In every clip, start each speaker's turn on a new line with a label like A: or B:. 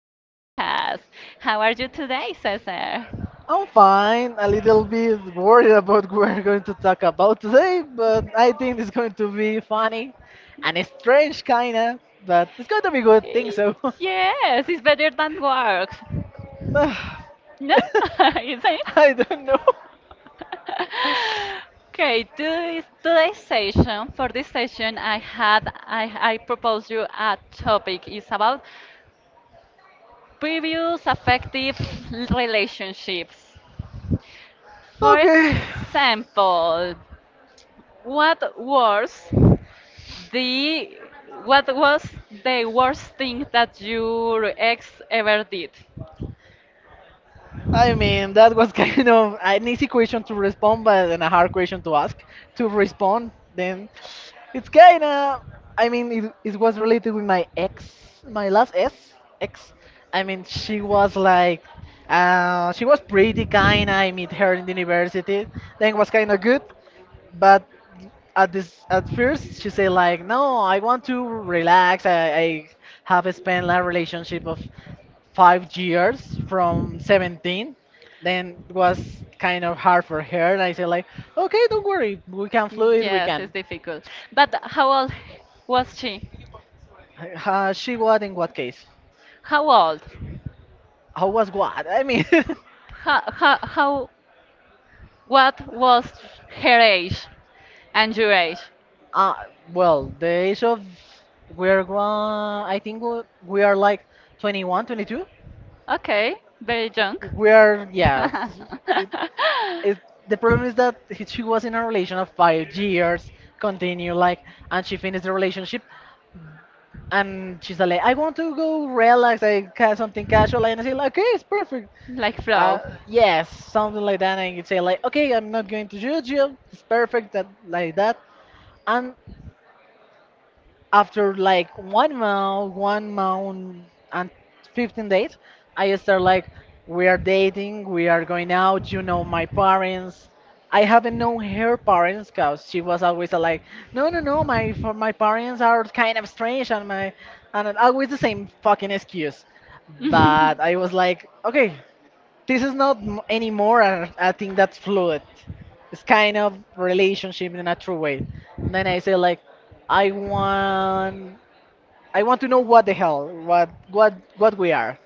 A: podcast. How are you today, Cesar?
B: I'm fine, a little bit worried about what we're going to talk about today, but I think it's going to be funny and it's strange, kinda, but it's going to be good, think
A: Eh,
B: so.
A: Yes, it's better than works.
B: Ah,
A: No? Is it?
B: I don't know.
A: Okay, today's session, for this session, I proposed you a topic. It's about previous affective relationships. For
B: Okay.
A: example, what was the what was the worst thing that your ex ever did?
B: I mean, that was kind of an easy question to respond, but then a hard question to ask to respond. Then it's kind of, I mean, it was related with my ex, my last ex, ex. I mean, she was like, she was pretty kind. I met her in the university. Then was kind of good but at this at first she say like no I want to relax I have spent a relationship of 5 years from 17. Then it was kind of hard for her and I said like okay, don't worry, we can fluid, we
A: Yes, it's
B: can
A: difficult. But how old was she?
B: she what in what case.
A: How old?
B: How was what I mean?
A: How what was her age and your age?
B: Uh, well, the age of we're one, I think we are like 21, 22.
A: Okay, very young.
B: We are, yeah. it, it, the problem is that she was in a relation of 5 years, continue like, and she finished the relationship, and she's like, I want to go relax, I ca something casual, and I say like, okay, it's perfect.
A: Like flow.
B: Yes, something like that, and you say like, okay, I'm not going to judge you, it's perfect, that like that, and after like 1 month and 15 days, I start like, we are dating, we are going out, you know, my parents. I haven't known her parents because she was always like, no, no, no, my for my parents are kind of strange and my and always the same fucking excuse. But I was like, okay, this is not anymore a thing that's fluid. It's kind of relationship in a true way. And then I say like, I want, I want to know what the hell, what we are.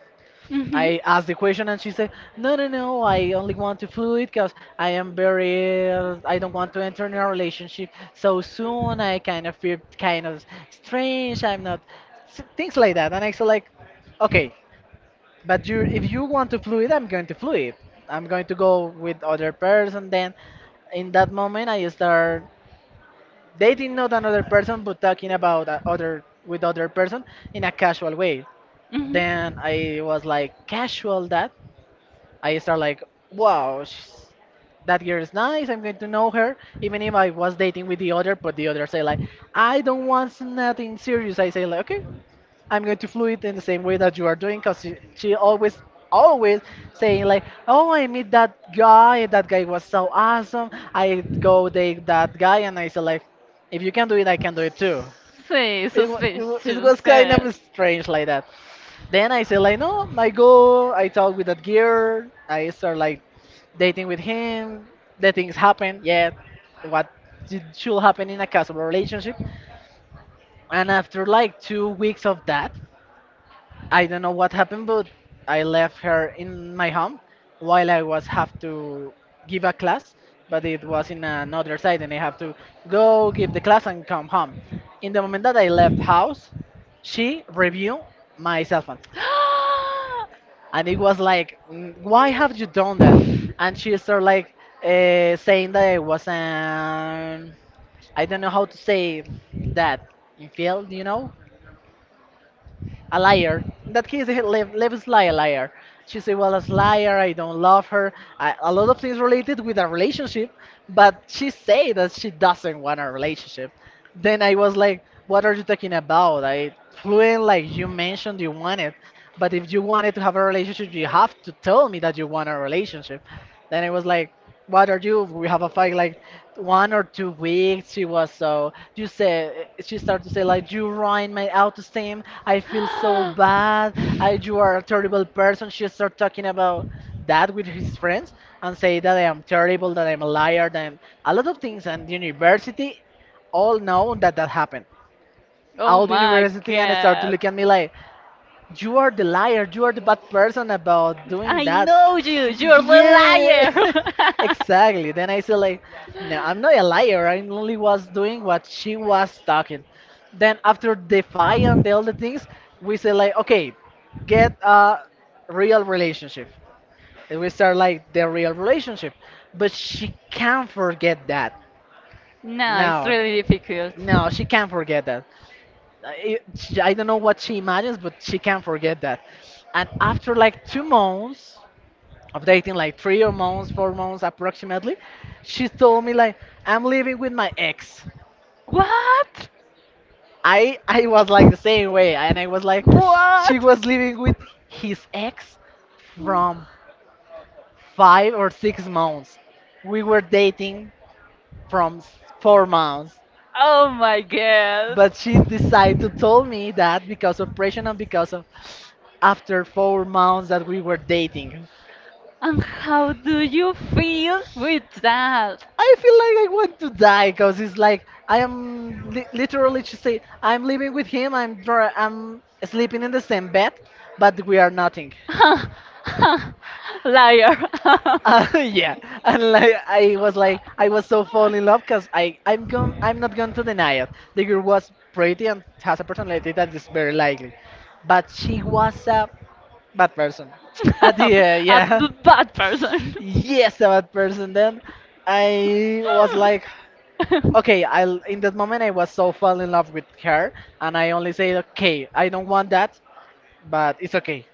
A: hmm
B: I asked the question and she said, no, no, no, I only want to fluid because I am very, I don't want to enter in a relationship so soon. I kind of feel kind of strange. I'm not, things like that. And I said like, okay, but you, if you want to fluid, I'm going to fluid. I'm going to go with other person. Then, in that moment, I start dating not another person, but talking about other with other person in a casual way. Then
A: Mhm.
B: I was like casual that I start like, wow, she's, that girl is nice. I'm going to know her, even if I was dating with the other. But the other say like, I don't want nothing serious. I say like, okay, I'm going to fluid in the same way that you are doing because she always saying like, oh, I meet that guy, that guy was so awesome, I go date that guy, and I said like, if you can do it, I can do it too.
A: Say
B: It
A: suspicious,
B: was kind
A: yes.
B: of strange like that. Then I said like, no, I go, I talk with that girl, I start like dating with him, the things happen, yeah, what should happen in a casual relationship. And after like 2 weeks of that, I don't know what happened, but I left her in my home while I was have to give a class, but it was in another side, and I have to go give the class and come home. In the moment that I left house, she reviewed my cell phone, and it was like, "Mm, why have you done that?" And she started like saying that I was an I don't know how to say that in field, a liar. In that case, he Lev, a liar. She said, "Well, as liar, I don't love her." I, a lot of things related with a relationship, but she say that she doesn't want a relationship. Then I was like, "What are you talking about?" I fluent like you mentioned you want it, but if you wanted to have a relationship, you have to tell me that you want a relationship. Then it was like, what are you? We have a fight like 1 or 2 weeks. She was so, you say, she started to say like, you ruined my autoesteem. I feel so bad. I, you are a terrible person. She started talking about that with his friends and say that I am terrible, that I'm a liar, that I'm a lot of things. And the university all know that that happened.
A: Oh
B: All the
A: my
B: university and start to
A: god.
B: look at me like, you are the liar. You are the bad person about doing
A: I
B: that.
A: know you. You're the
B: Yeah,
A: liar.
B: exactly. Then I said like, no, I'm not a liar. I only was doing what she was talking. Then after defying the all the things, we said like, okay, get a real relationship. And we start like the real relationship. But she can't forget that.
A: No, it's
B: No,
A: really difficult.
B: no, she can't forget that. I don't know what she imagines, but she can't forget that. And after like 2 months of dating, like three or months, 4 months approximately, she told me like, "I'm living with my ex."
A: What?
B: I was like the same way, and I was like, she
A: What?
B: was living with his ex from 5 or 6 months. We were dating from 4 months,
A: Oh my god.
B: but she decided to tell me that because of pressure and because of after 4 months that we were dating.
A: And how do you feel with that?
B: I feel like I want to die because it's like I am literally she said I'm living with him. I'm sleeping in the same bed, but we are nothing.
A: Liar.
B: Yeah, and like I was so fall in love because I'm not going to deny it. The girl was pretty and has a personality that is very likely, but she was a bad person. At the end,
A: A
B: yeah,
A: bad person.
B: yes, a bad person. Then I was like, okay, I will in that moment I was so fall in love with her, and I only said, okay, I don't want that, but it's okay.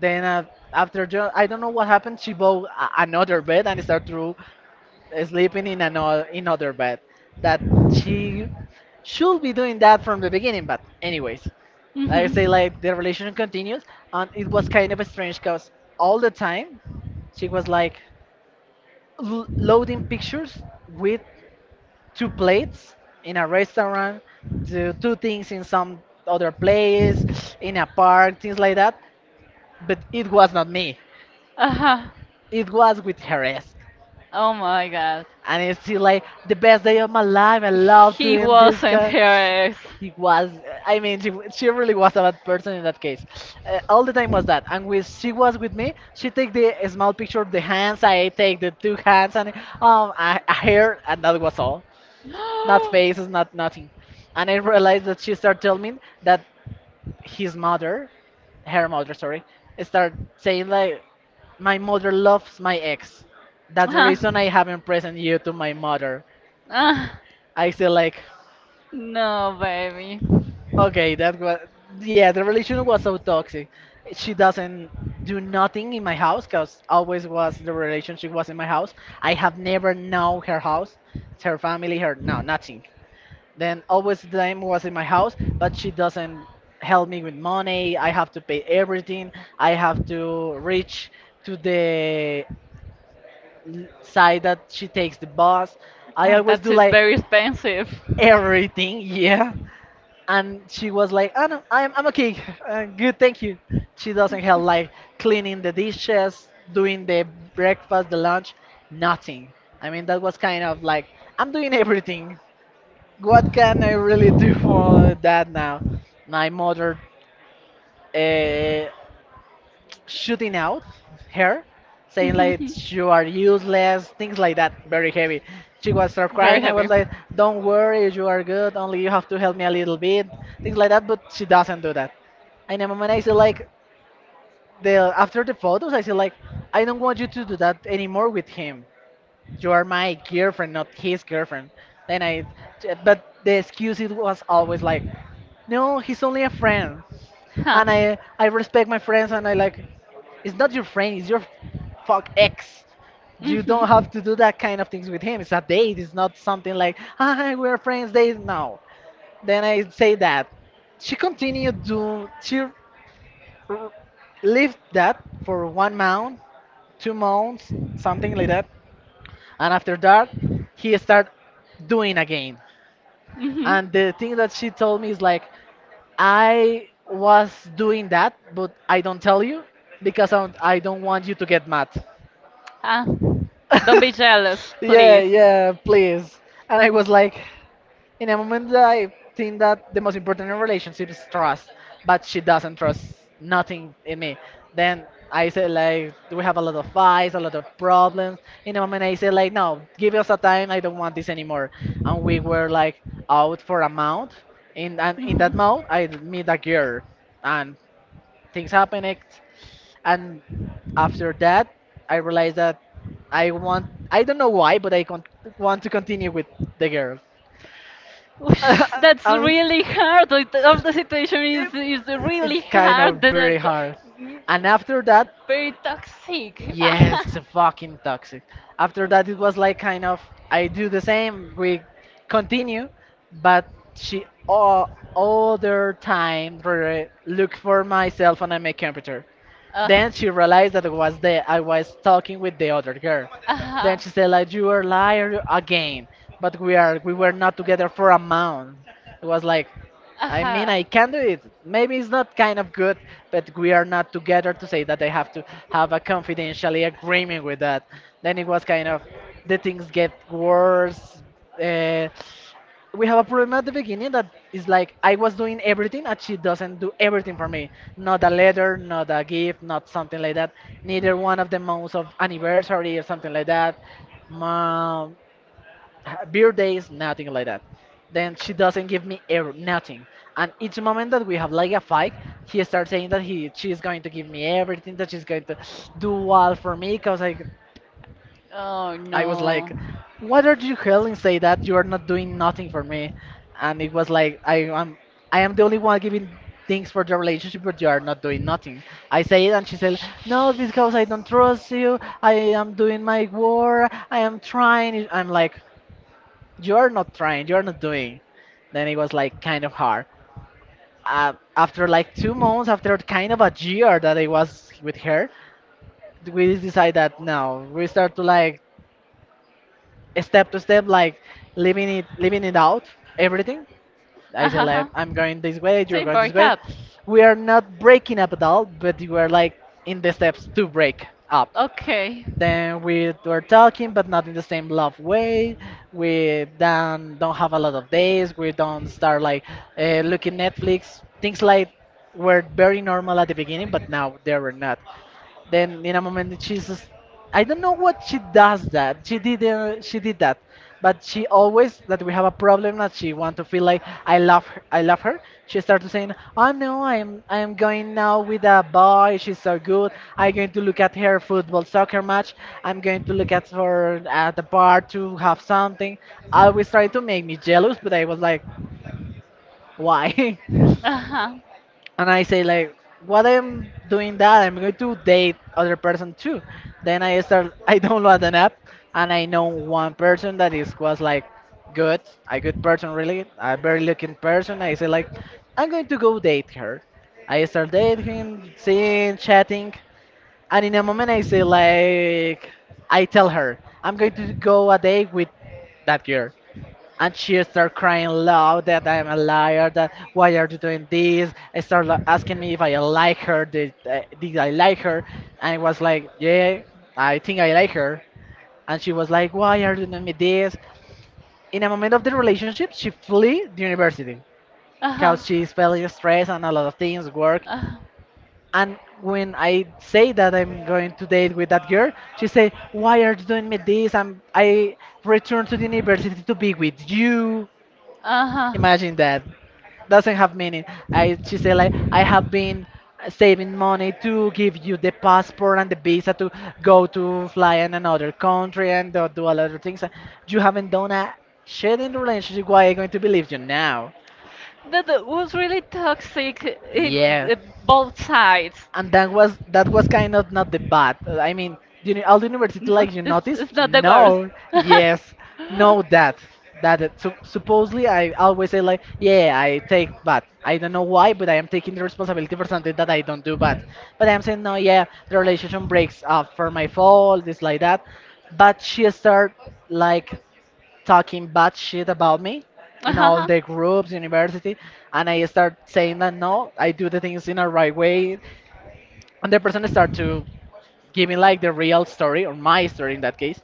B: Then after I don't know what happened, she bought another bed and started to sleeping in another in other bed. That she should be doing that from the beginning, but anyways, like I say
A: Mhm.
B: like the relation continues, and it was kind of strange because all the time she was like loading pictures with two plates in a restaurant, do two things in some other place, in a park, things like that. But it was not me.
A: Uh-huh.
B: It was with her ex.
A: Oh my God.
B: And
A: did
B: it's still like the best day of my life. I love doing this.
A: wasn't hers.
B: He was, I mean, she really was a bad person in that case. All the time was that. And when she was with me, she take the small picture of the hands, I take the two hands, and a hair, and that was all.
A: It
B: Not
A: was
B: faces, not nothing. And I realized that she started telling me that his mother, her mother, sorry, start saying like, my mother loves my ex. That's the
A: Uh-huh.
B: reason I haven't present you to my mother.
A: Ah,
B: I still like.
A: no, baby.
B: Okay, that was yeah. The relation was so toxic. She doesn't do nothing in my house because always was the relationship was in my house. I have never known her house, her family, her no nothing. Then always them was in my house, but she doesn't help me with money. I have to pay everything. I have to reach to the side that she takes the bus. I
A: And
B: always
A: that
B: do
A: is
B: like
A: very expensive.
B: everything. Yeah, and she was like, "Oh no, I'm okay, good, thank you." She doesn't help like cleaning the dishes, doing the breakfast, the lunch, nothing. I mean, that was kind of like, I'm doing everything. What can I really do for that now? My mother uh, shooting out her, saying like you are useless, things like that, very heavy. She was start crying. I was like, "Don't worry, you are good. Only you have to help me a little bit," things like that. But she doesn't do that. And in a moment, I see like the after the photos, I see like, "I don't want you to do that anymore with him. You are my girlfriend, not his girlfriend." Then I, but the excuse it was always like, "No, he's only a friend," and I respect my friends, and I like it's not your friend, it's your fuck ex. You don't have to do that kind of things with him. It's a date. It's not something like, hi, we're friends, date. No. Then I say that. She continued to, she lived that for 1 month, 2 months, something like that. And after that, he started doing again.
A: hmm
B: And the thing that she told me is like, I was doing that, but I don't tell you because I don't want you to get mad.
A: Ah, don't be jealous,
B: Yeah,
A: please.
B: yeah, please. And I was like, in a moment that I think that the most important in a relationship is trust, but she doesn't trust nothing in me. Then I said like, we have a lot of fights, a lot of problems. In a moment I said like, no, give us a time. I don't want this anymore. And we were like out for a month. In that
A: hmm
B: month I met a girl, and things happened and after that I realized that I want, I don't know why but want to continue with the girls.
A: That's
B: um,
A: really hard. Like, all the situation is
B: it,
A: is really
B: it's kind
A: hard.
B: of very hard,
A: Mm,
B: and after that,
A: very toxic.
B: yes, fucking toxic. After that it was like kind of, I do the same. We continue, but she all their time look for myself on my computer. Then she realized that it was the I was talking with the other girl. Then she said like, you are liar again, but we were not together for a month. It was like, I mean, I can do it. Maybe it's not kind of good, but we are not together to say that I have to have a confidentially agreement with that. Then it was kind of, the things get worse. Uh, we have a problem at the beginning that is like, I was doing everything and she doesn't do everything for me. Not a letter, not a gift, not something like that. Neither one of the months of anniversary or something like that. Mom, birthdays, nothing like that. Then she doesn't give me ever nothing. And each moment that we have like a fight, he starts saying that he she's going to give me everything, that she's going to do all for me, cause
A: Oh
B: I was
A: no.
B: like, "What are you hell say that you are not doing nothing for me?" And it was like, am, I am the only one giving things for the relationship, but you are not doing nothing." I say it, and she said, "No, because I don't trust you. I am doing my work. I am trying." I'm like, "You are not trying. You are not doing." Then it was like kind of hard. After like 2 months, after kind of a year that I was with her, we decided that no, we start to like step to step, like leaving it out everything. I say
A: Uh-huh.
B: like, I'm going this way,
A: So
B: you're
A: you
B: going this
A: broke
B: way.
A: up.
B: We are not breaking up at all, but we are like in the steps to break up.
A: Okay.
B: Then we were talking, but not in the same love way. We then don't have a lot of days. We don't start like looking Netflix. Things like were very normal at the beginning, but now they were not. Then in a moment I don't know what she does that. She did that. But she always that we have a problem that she want to feel like I love her. She started saying, "Oh no, I'm going now with a boy, she's so good. I'm going to look at her football soccer match. I'm going to look at her at the bar to have something." Always trying to make me jealous, but I was like, why?
A: Uh-huh.
B: And I say like, what I'm doing, that I'm going to date other person too. Then I start I download an app and I know one person that is was like good, a good person really, a very looking person. I say like, I'm going to go date her. I start dating, seeing, chatting, and in a moment I say like, I tell her I'm going to go a date with that girl, and she started crying loud that I'm a liar. That why are you doing this? I started like asking me if I like her. Did I like her? And I was like, yeah, I think I like her. And she was like, why are you doing me this? In a moment of the relationship, she flee the university
A: Uh huh.
B: because she's feeling stress and a lot of things work.
A: Uh
B: And when I say that I'm going to date with that girl, she say, why are you doing me this? I returned to the university to be with you.
A: huh. Uh
B: Imagine that. Doesn't have meaning. I She said like, I have been saving money to give you the passport and the visa to
A: huh.
B: go to fly in another country and do, do a lot of things. You haven't done a shit in the relationship. Why I going to believe you now?
A: That was really toxic. It
B: Yeah.
A: uh, both sides.
B: And that was
A: No,
B: kind of not the bad. I mean, all the university like you
A: It's,
B: noticed?
A: it's not the worst.
B: No, yes, no that so, supposedly I always say like, yeah, I take bad. I don't know why, but I am taking the responsibility for something that I don't do bad. But I'm saying no, yeah, the relationship breaks up for my fault, this like that. But she start like talking bad shit about me in all the groups, university, and I start saying that no, I do the things in a right way, and the person start to give me like the real story or my story in that case.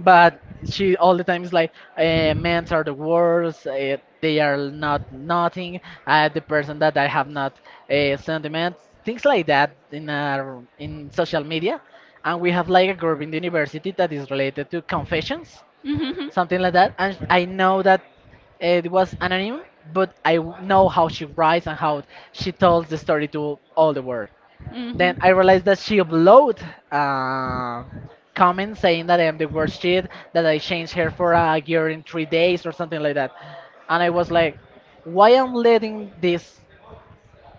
B: But she all the time is like, men are the worst, they are not nothing. I the person that i have not eh, sentiments things like that in our in social media. And we have like a group in the university that is related to confessions, something like that, and I know that it was anonymous, but I know how she writes and how she tells the story to all the world. Then I
A: Mhm.
B: realized that she uploaded uh, comments saying that I am the worst shit, that I changed her for a year in 3 days or something like that. And I was like, why am letting this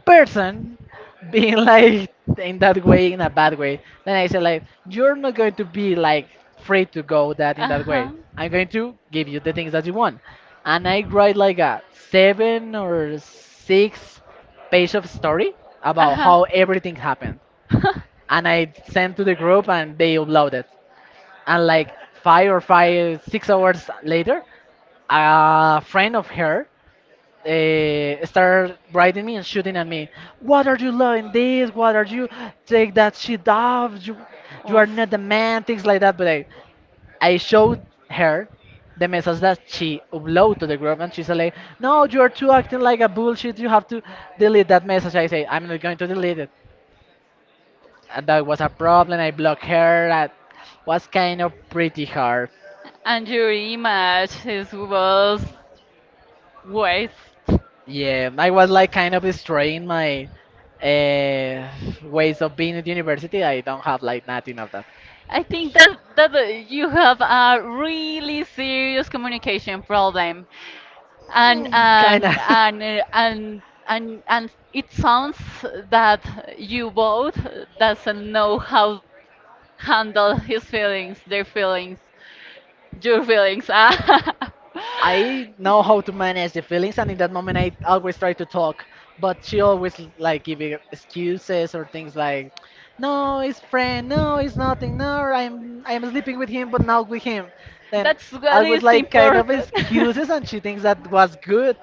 B: person being like in that way, in a bad way? Then I said like, you're not going to be like free
A: Mhm.
B: to go that in that way. I'm going to give you the things that you want. And I write like a 7 or 6 page of story about how everything happened and I sent to the group and they uploaded. And like five or 6 hours later, a friend of her started writing me and shooting at me. What are you loving this? What are you take that shit off? You are not the man. Things like that. But I showed her the message that she uploaded to the group, and she's like, no, you're too acting like a bullshit, you have to delete that message. I say, I'm not going to delete it. And that was a problem. I blocked her. That was kind of pretty hard.
A: And your image is was waste.
B: Yeah, I was like kind of destroying my uh, ways of being at university. I don't have like nothing of that.
A: I think that that you have a really serious communication problem, and
B: Kind
A: and
B: of.
A: and uh, and and it sounds that you both doesn't know how handle his feelings, their feelings, your feelings. ah.
B: I know how to manage the feelings, and in that moment, I always try to talk. But she always like giving excuses or things like, "No, it's friend. No, it's nothing. No, I'm sleeping with him, but not with him." Then
A: That's what
B: I was
A: is
B: like kind of
A: important.
B: excuses, and she thinks that was good,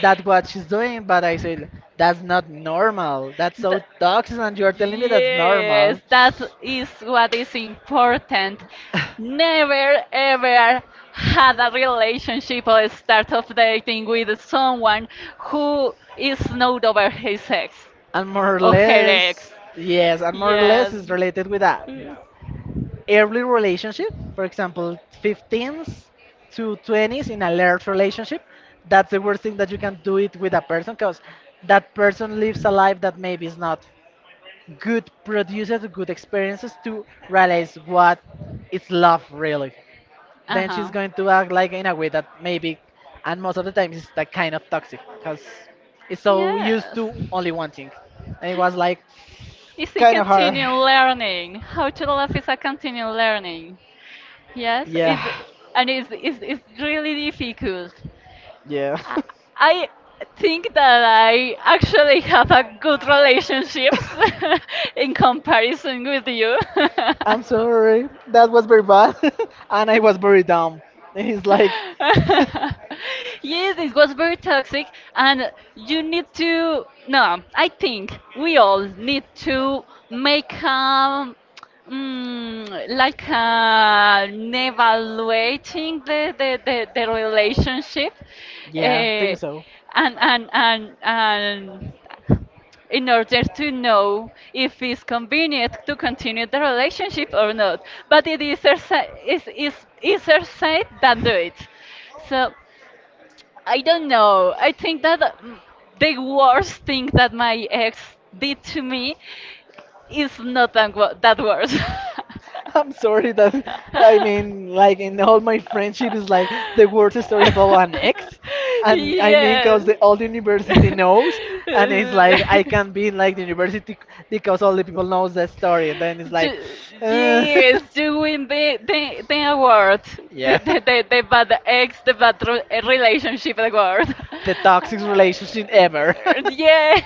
B: that what she's doing. But I said, "That's not normal. That's so
A: The-
B: toxic, and you're telling me that's
A: yes,
B: normal."
A: that is what is important. Never ever had a relationship or start of dating with someone who is not over his ex
B: And more or
A: or her ex.
B: less, yes, and more or less
A: Yes.
B: is related with a early relationship. For example, 15s to 20s in a large relationship. That's the worst thing that you can do it with a person because that person lives a life that maybe is not good, produces good experiences to realize what is love really. Then she's
A: Uh-huh.
B: going to act like in a way that maybe, and most of the time, it's like kind of toxic because it's so used
A: Yes.
B: to only one thing. And it was like,
A: It's a
B: kind of hard.
A: continual learning. How to love is a continual learning. Yes,
B: Yeah.
A: it's, and it's really difficult.
B: Yeah.
A: I I think that I actually have a good relationships in comparison with you.
B: I'm sorry. That was very bad. And I was very dumb. He's like,
A: Yes, it was very toxic, and you need to. No, I think we all need to make evaluating the relationship.
B: yeah,
A: Uh,
B: think so.
A: and in order to know if it's convenient to continue the relationship or not. But it is easier sa- is easier said than do it. So I don't know. I think that the worst thing that my ex did to me is not that, that worse.
B: I'm sorry that, I mean, like in all my friendship is like the worst story about an ex, and I mean,
A: yes.
B: cause the all the university knows, and it's like I can be in like the because all the people knows that story, and then it's like,
A: Ju-
B: uh,
A: yes, you win the award, the,
B: yeah.
A: the the the bad ex, the relationship award.
B: The toxic relationship ever.
A: yes,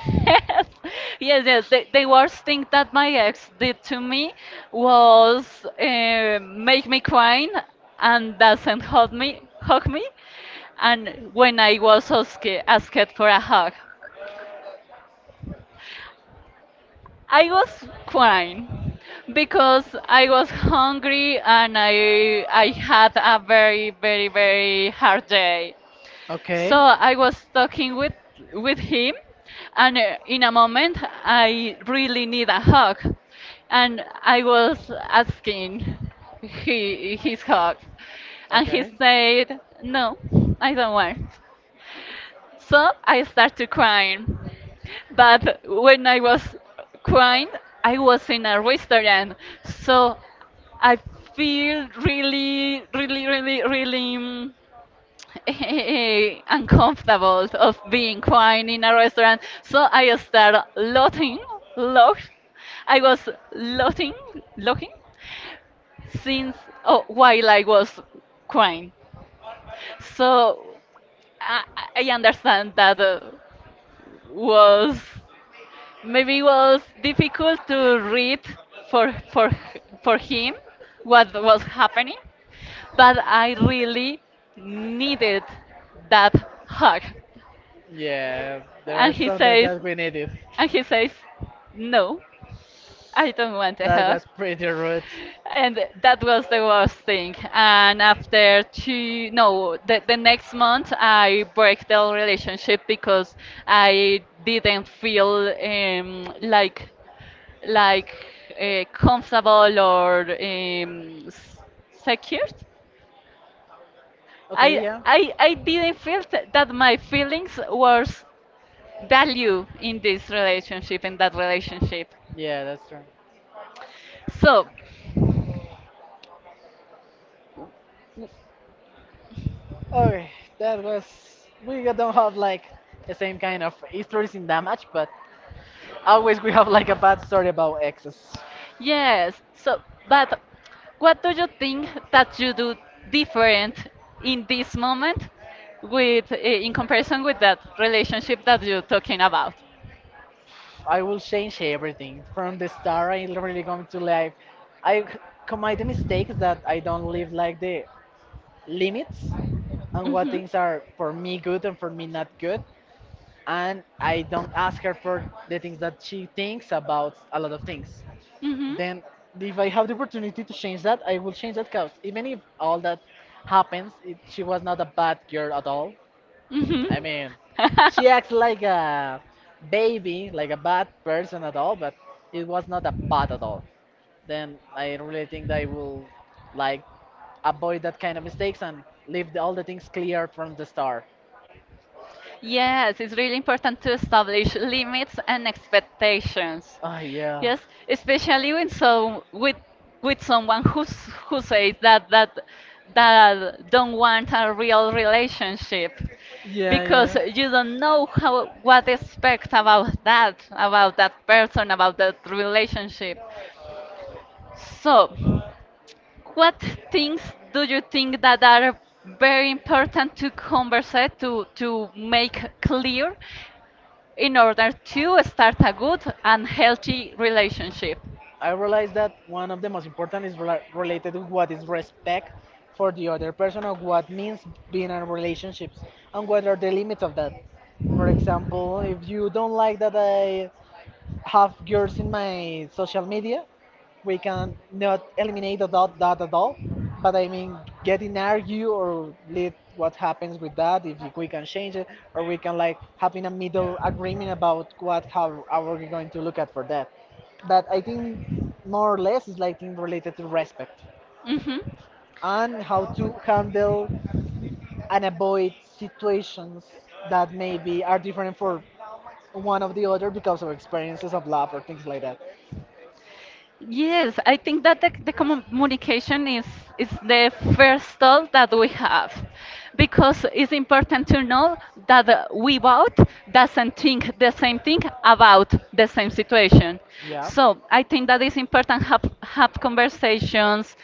A: yes. The worst thing that my ex did to me was make me crying and doesn't hug me, and when I was asked for a hug. I was crying because I was hungry and I had a very, very, very hard day.
B: Okay.
A: So I was talking with him and in a moment I really need a hug and I was asking he his hug and he
B: Okay.
A: said no I don't want so I started crying. But when I was crying, I was in a restaurant. So I feel really, really, really, really uncomfortable of being crying in a restaurant. So I started laughing, laugh. I was laughing, laughing since oh, while I was crying. So I, I understand that was maybe was difficult to read for for for him what was happening, but I really needed that hug.
B: Yeah, there
A: And
B: are
A: he
B: sometimes
A: says,
B: that we need it.
A: and he says, no, I don't want a
B: That
A: hug.
B: was pretty rude.
A: And that was the worst thing. And after two, no, the next month I broke the relationship because I didn't feel like comfortable or secured.
B: Okay,
A: I,
B: yeah.
A: I, I didn't feel that my feelings was value in this relationship, in that relationship.
B: Yeah, that's true.
A: So,
B: Okay, that was. We don't have like the same kind of stories in damage, but always we have like a bad story about exes.
A: yes, so, but what do you think that you do different in this moment with, in comparison with that relationship that you're talking about?
B: I will change everything from the start. I really going to like. I c-
A: i
B: Commit the mistakes that I don't live like the limits and what things are for me good and for me not good. And I don't ask her for the things that she thinks about a lot of things.
A: hmm
B: Then, if I have the opportunity to change that, I will change that course. Even if all that happens, she was not a bad girl at all.
A: I mean, she
B: I mean,
A: acts
B: she acts like a baby, like a
A: But
B: bad
A: there's
B: person at all,
A: all the other.
B: but it
A: But was
B: was not
A: not
B: a
A: a box.
B: bad at all.
A: And
B: Then I really think
A: I,
B: that I
A: like,
B: will
A: I
B: like
A: put
B: avoid
A: the
B: that
A: kind
B: kind of
A: of things
B: mistakes and
A: and
B: leave all the things
A: left
B: clear
A: cleared.
B: from the start.
A: Yes, it's really important to establish limits and expectations.
B: Oh yeah.
A: Yes, especially when so with someone who's who says that that don't want a real relationship
B: Yeah,
A: because
B: yeah.
A: you don't know how what to expect about that person about that relationship. So, what things do you think that are very important to converse to make clear in order to start a good and healthy relationship.
B: I realize that one of the most important is related to what is respect for the other person or what means being in relationships and what are the limits of that. For example, if you don't like that I have girls in my social media. We can not eliminate that at all. But I mean, get in argue or leave what happens with that if we can change it, or we can like having a middle agreement about what how are we going to look at for that. But I think more or less is like thing related to respect
A: hmm
B: and how to handle and avoid situations that maybe are different for one of the other because of experiences of love or things like that.
A: Yes, I think that the communication is the first thought that we have because it's important to know that we both doesn't think the same thing about the same situation.
B: Yeah.
A: So I think that it's important have conversations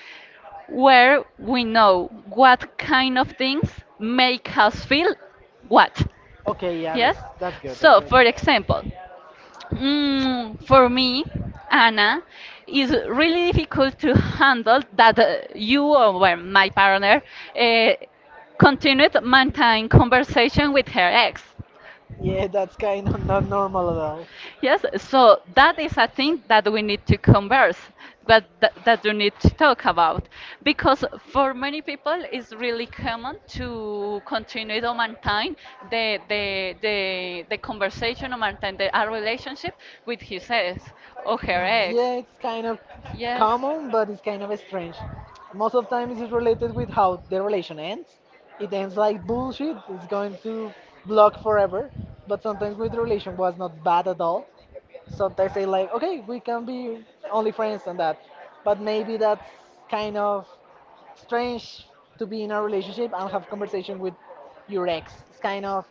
A: where we know what kind of things make us feel what?
B: Okay. Yeah.
A: Yes?
B: That's good. That's
A: So,
B: good.
A: for example, for me, Anna, it's really difficult to handle that you or well, my partner uh, continued maintaining conversation with her ex.
B: Yeah. That's kind of not normal at all.
A: Yes, so that is a thing that we need to converse, but that you need to talk about, because for many people it's really common to continue to maintain the conversation or maintain the, a relationship with his ex or her ex.
B: Yeah. It's kind of
A: Yes.
B: common, but it's kind of strange. Most of the time it's related with how the relation ends. It ends like bullshit. It's going to block forever. But sometimes with the relation was not bad at all. Sometimes they like, okay, we can be only friends and that. But maybe that's kind of strange to be in a relationship and have conversation with your ex. It's kind of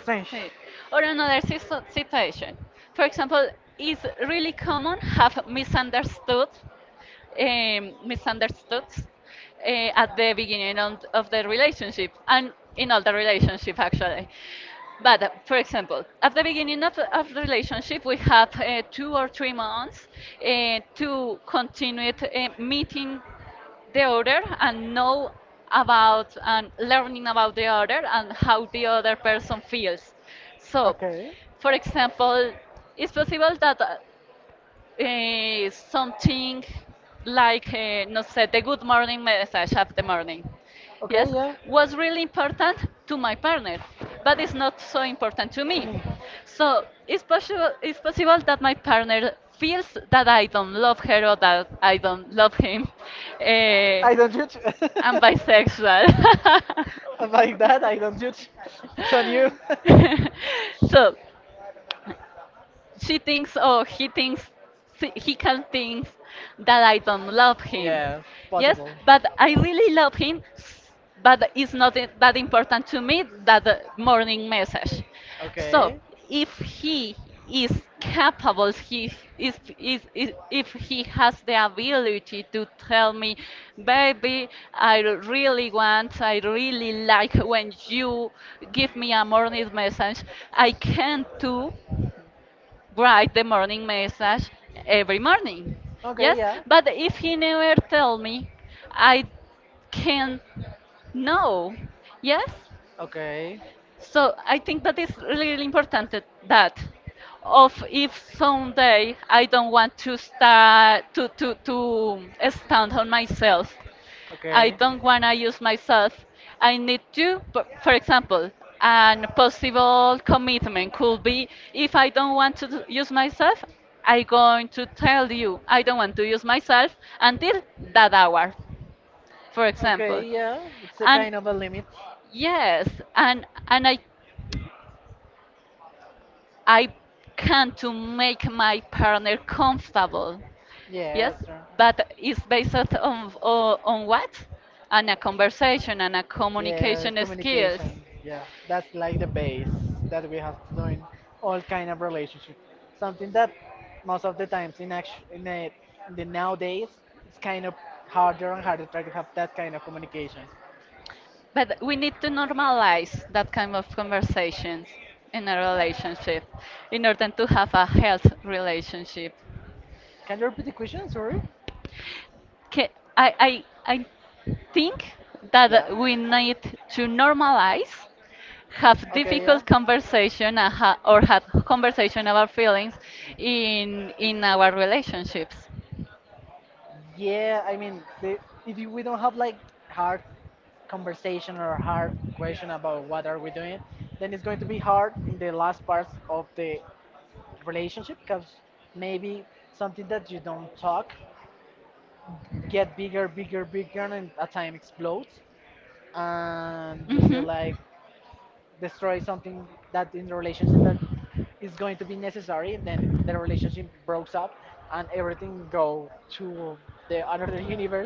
B: strange.
A: Sí. Or another situation. For example, it's really common have misunderstood um, misunderstood at the beginning on, of the relationship and in all the relationship actually. But for example, at the beginning of the relationship, we have 2 or 3 months to continue it, meeting the other and know about and learning about the other and how the other person feels. So,
B: Okay.
A: for example, it's possible that something like, no sé, the good morning message of the morning.
B: Okay,
A: Yes,
B: yeah.
A: was really
B: It
A: important to my partner, but it's not so important to me. So it's possible that my partner feels that I don't love her or that I don't love him. Eh,
B: I don't judge.
A: I'm bisexual.
B: By that, I don't judge. It's on you.
A: So she thinks oh he thinks he can think that I don't love him.
B: Yeah,
A: Yes
B: possible.
A: but I really love him but it's not that important to me that morning message. So
B: Okay.
A: if he is capable he is if he has the ability to tell me baby I really want I really like when you give me a morning message I can too write the morning message every morning.
B: Okay,
A: Yes,
B: yeah.
A: but if he never tell me, I can know. Yes,
B: Okay.
A: so I think that is really really important that that of if someday I don't want to start to stand on myself I
B: Okay.
A: don't wanna use myself. I need to, for example, an possible commitment could be if I don't want to use myself, I going to tell you I don't want to use myself until that hour, for
B: Okay,
A: example.
B: yeah, it's a
A: And
B: kind of a limit.
A: yes, and I can to make my partner comfortable.
B: Yeah,
A: Yes,
B: that's true.
A: but it's based on what? On a conversation and a
B: Yeah, it's
A: communication skills.
B: communication. Yeah, that's like the base that we have to do in all kind of relationship. Something that most of the times in act in the nowadays it's kind of harder and harder to try to have that kind of communication.
A: But we need to normalize that kind of conversations in a relationship in order to have a health relationship.
B: Can you repeat the question? Sorry.
A: Ca- I think
B: Yeah.
A: that we need to normalize have
B: Okay. Yeah.
A: difficult conversation and or have conversation about feelings in our relationships.
B: Yeah, I mean, the, if you- we don't have like hard conversation or hard question about what are we doing, then it's going to be hard in the last parts of the relationship because maybe something that you don't talk get bigger, bigger, bigger, and at time explodes, and you say like, destroy something that in the relationship that is going to be necessary and then the relationship breaks up and everything go to the another universe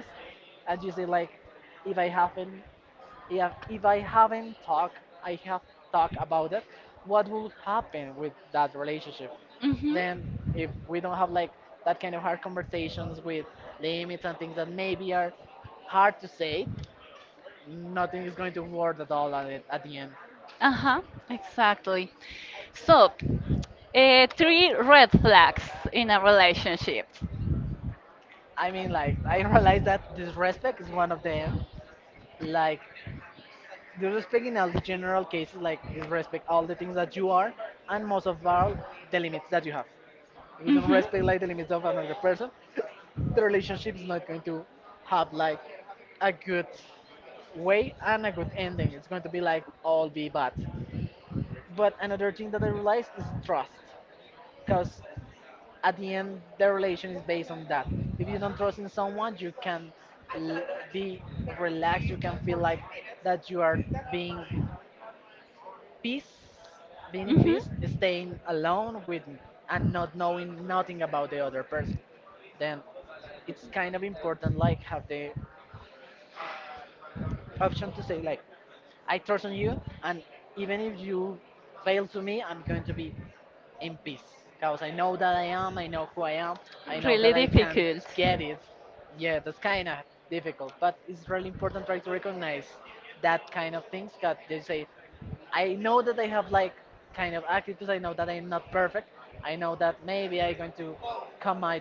B: and you say like if I haven't yeah, if I haven't talked I have talked about it, what will happen with that relationship? Then if we don't have like that kind of hard conversations with limits and things that maybe are hard to say, nothing is going to work at all at the end.
A: Uh huh, exactly. So, three red flags in a relationship.
B: I mean, like, I realize that disrespect is one of them. Like, disrespect in all the general cases, like, disrespect all the things that you are, and most of all, the limits that you have. If you don't
A: hmm
B: respect, like, the limits of another person, the relationship is not going to have, like, a good way and a good ending. It's going to be, like, all be bad. But another thing that I realized is trust. Because at the end the relation is based on that. If you don't trust in someone you can l- be relaxed, you can feel like that you are being peace, being in
A: hmm
B: peace, staying alone with and not knowing nothing about the other person. Then it's kind of important like have the option to say like I trust on you, and even if you fail to me I'm going to be in peace because I know that I know who I am, I know that
A: Really
B: I can
A: difficult.
B: get it. Yeah, that's kind of difficult, but it's really important try to recognize that kind of things. Because they say, I know that I have like kind of attitudes. I know that I'm not perfect. I know that maybe I'm going to commit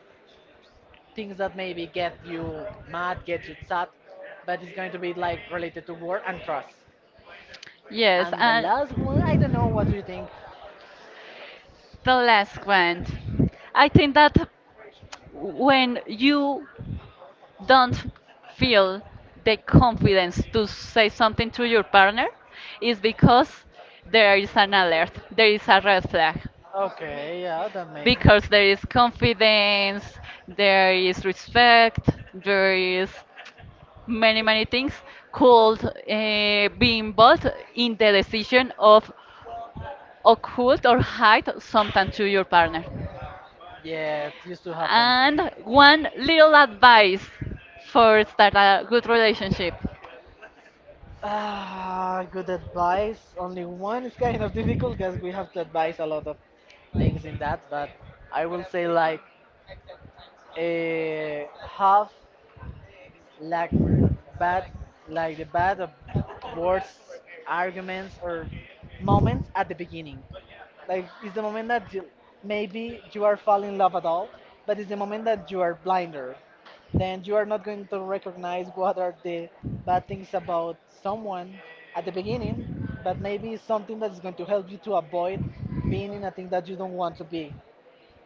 B: things that maybe get you mad, get you sad, but it's going to be like related to work and trust.
A: Yes,
B: And the
A: and
B: last one, I don't know. What do you think?
A: the last one. I think that when you don't feel the confidence to say something to your partner is because there is an alert, there is a red flag.
B: Okay, yeah, that maybe.
A: Because there is confidence, there is respect, there is many, many things could be involved in the decision of occult or hide something to your partner.
B: Yeah, it used to happen.
A: And one little advice for start a good relationship.
B: Ah, good advice. Only one is kind of difficult because we have to advise a lot of things in that, but I will say like a half luck. Bad, like the bad of words, arguments, or moments at the beginning. Like it's the moment that you, maybe you are falling in love at all, but it's the moment that you are blinder. Then you are not going to recognize what are the bad things about someone at the beginning, but maybe it's something that is going to help you to avoid being in a thing that you don't want to be.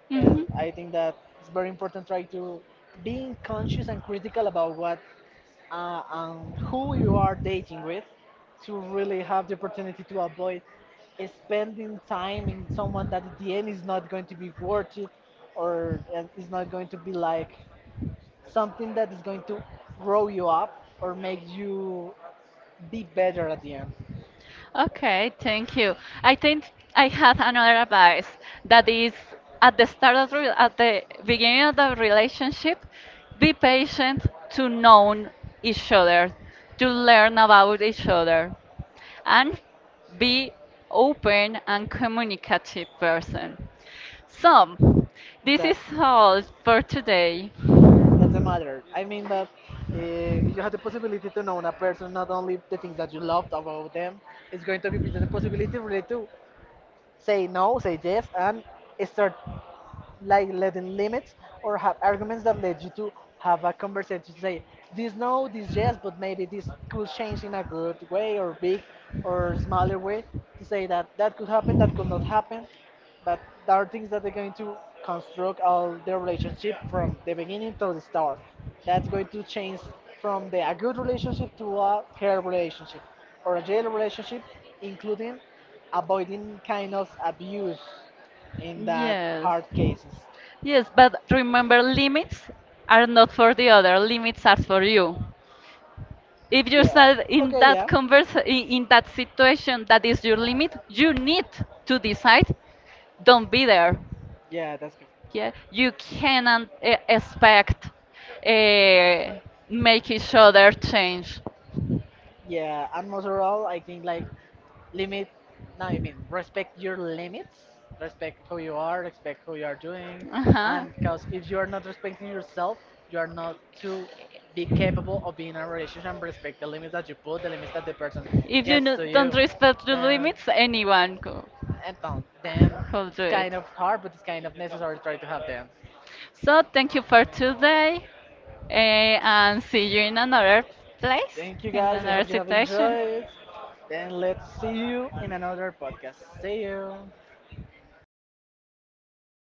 B: And
A: Mhm.
B: I think that it's very important try to being conscious and critical about what and who you are dating with, to really have the opportunity to avoid spending time in someone that at the end is not going to be worth it or is not going to be like something that is going to grow you up or make you be better at the end.
A: Okay, thank you. I think I have another advice that is at the start of at the beginning of the relationship, be patient to know each other, to learn about each other, and be open and communicative person. So, this
B: That
A: is all for today.
B: That's the matter. I mean that you have the possibility to know a person, not only the things that you loved about them. It's going to give you the possibility really to say no, say yes, and start like letting limits or have arguments that lead you to have a conversation to say this no, this yes, but maybe this could change in a good way or big or smaller way, to say that that could happen, that could not happen, but there are things that are going to construct all the relationship from the beginning to the start. That's going to change from the a good relationship to a hair relationship or a jail relationship, including avoiding kind of abuse in that
A: Yes.
B: hard cases.
A: Yes, but remember limits are not for the other, limits are for you. If you said in
B: Okay,
A: that
B: yeah.
A: converse in that situation that is your limit you need to decide don't be there.
B: Yeah, that's good.
A: Yeah you cannot expect uh, make each other change.
B: Yeah, and most overall, I think like limit. No, I mean respect your limits. Respect who you are. Respect who you are doing. And
A: Uh-huh.
B: because if you are not respecting yourself, you are not to be capable of being in a relationship and respect the limits that you put, the limits that the person
A: If you
B: gets to you.
A: don't respect the
B: Then
A: limits anyone go
B: Then
A: I'll
B: it's
A: do
B: kind
A: it.
B: of hard, but it's kind of necessary to try to have them.
A: So thank you for today, eh, and see you in another place,
B: Thank you
A: in
B: guys. I hope
A: another
B: you have
A: situation.
B: enjoyed. Then let's see you in another podcast. See you.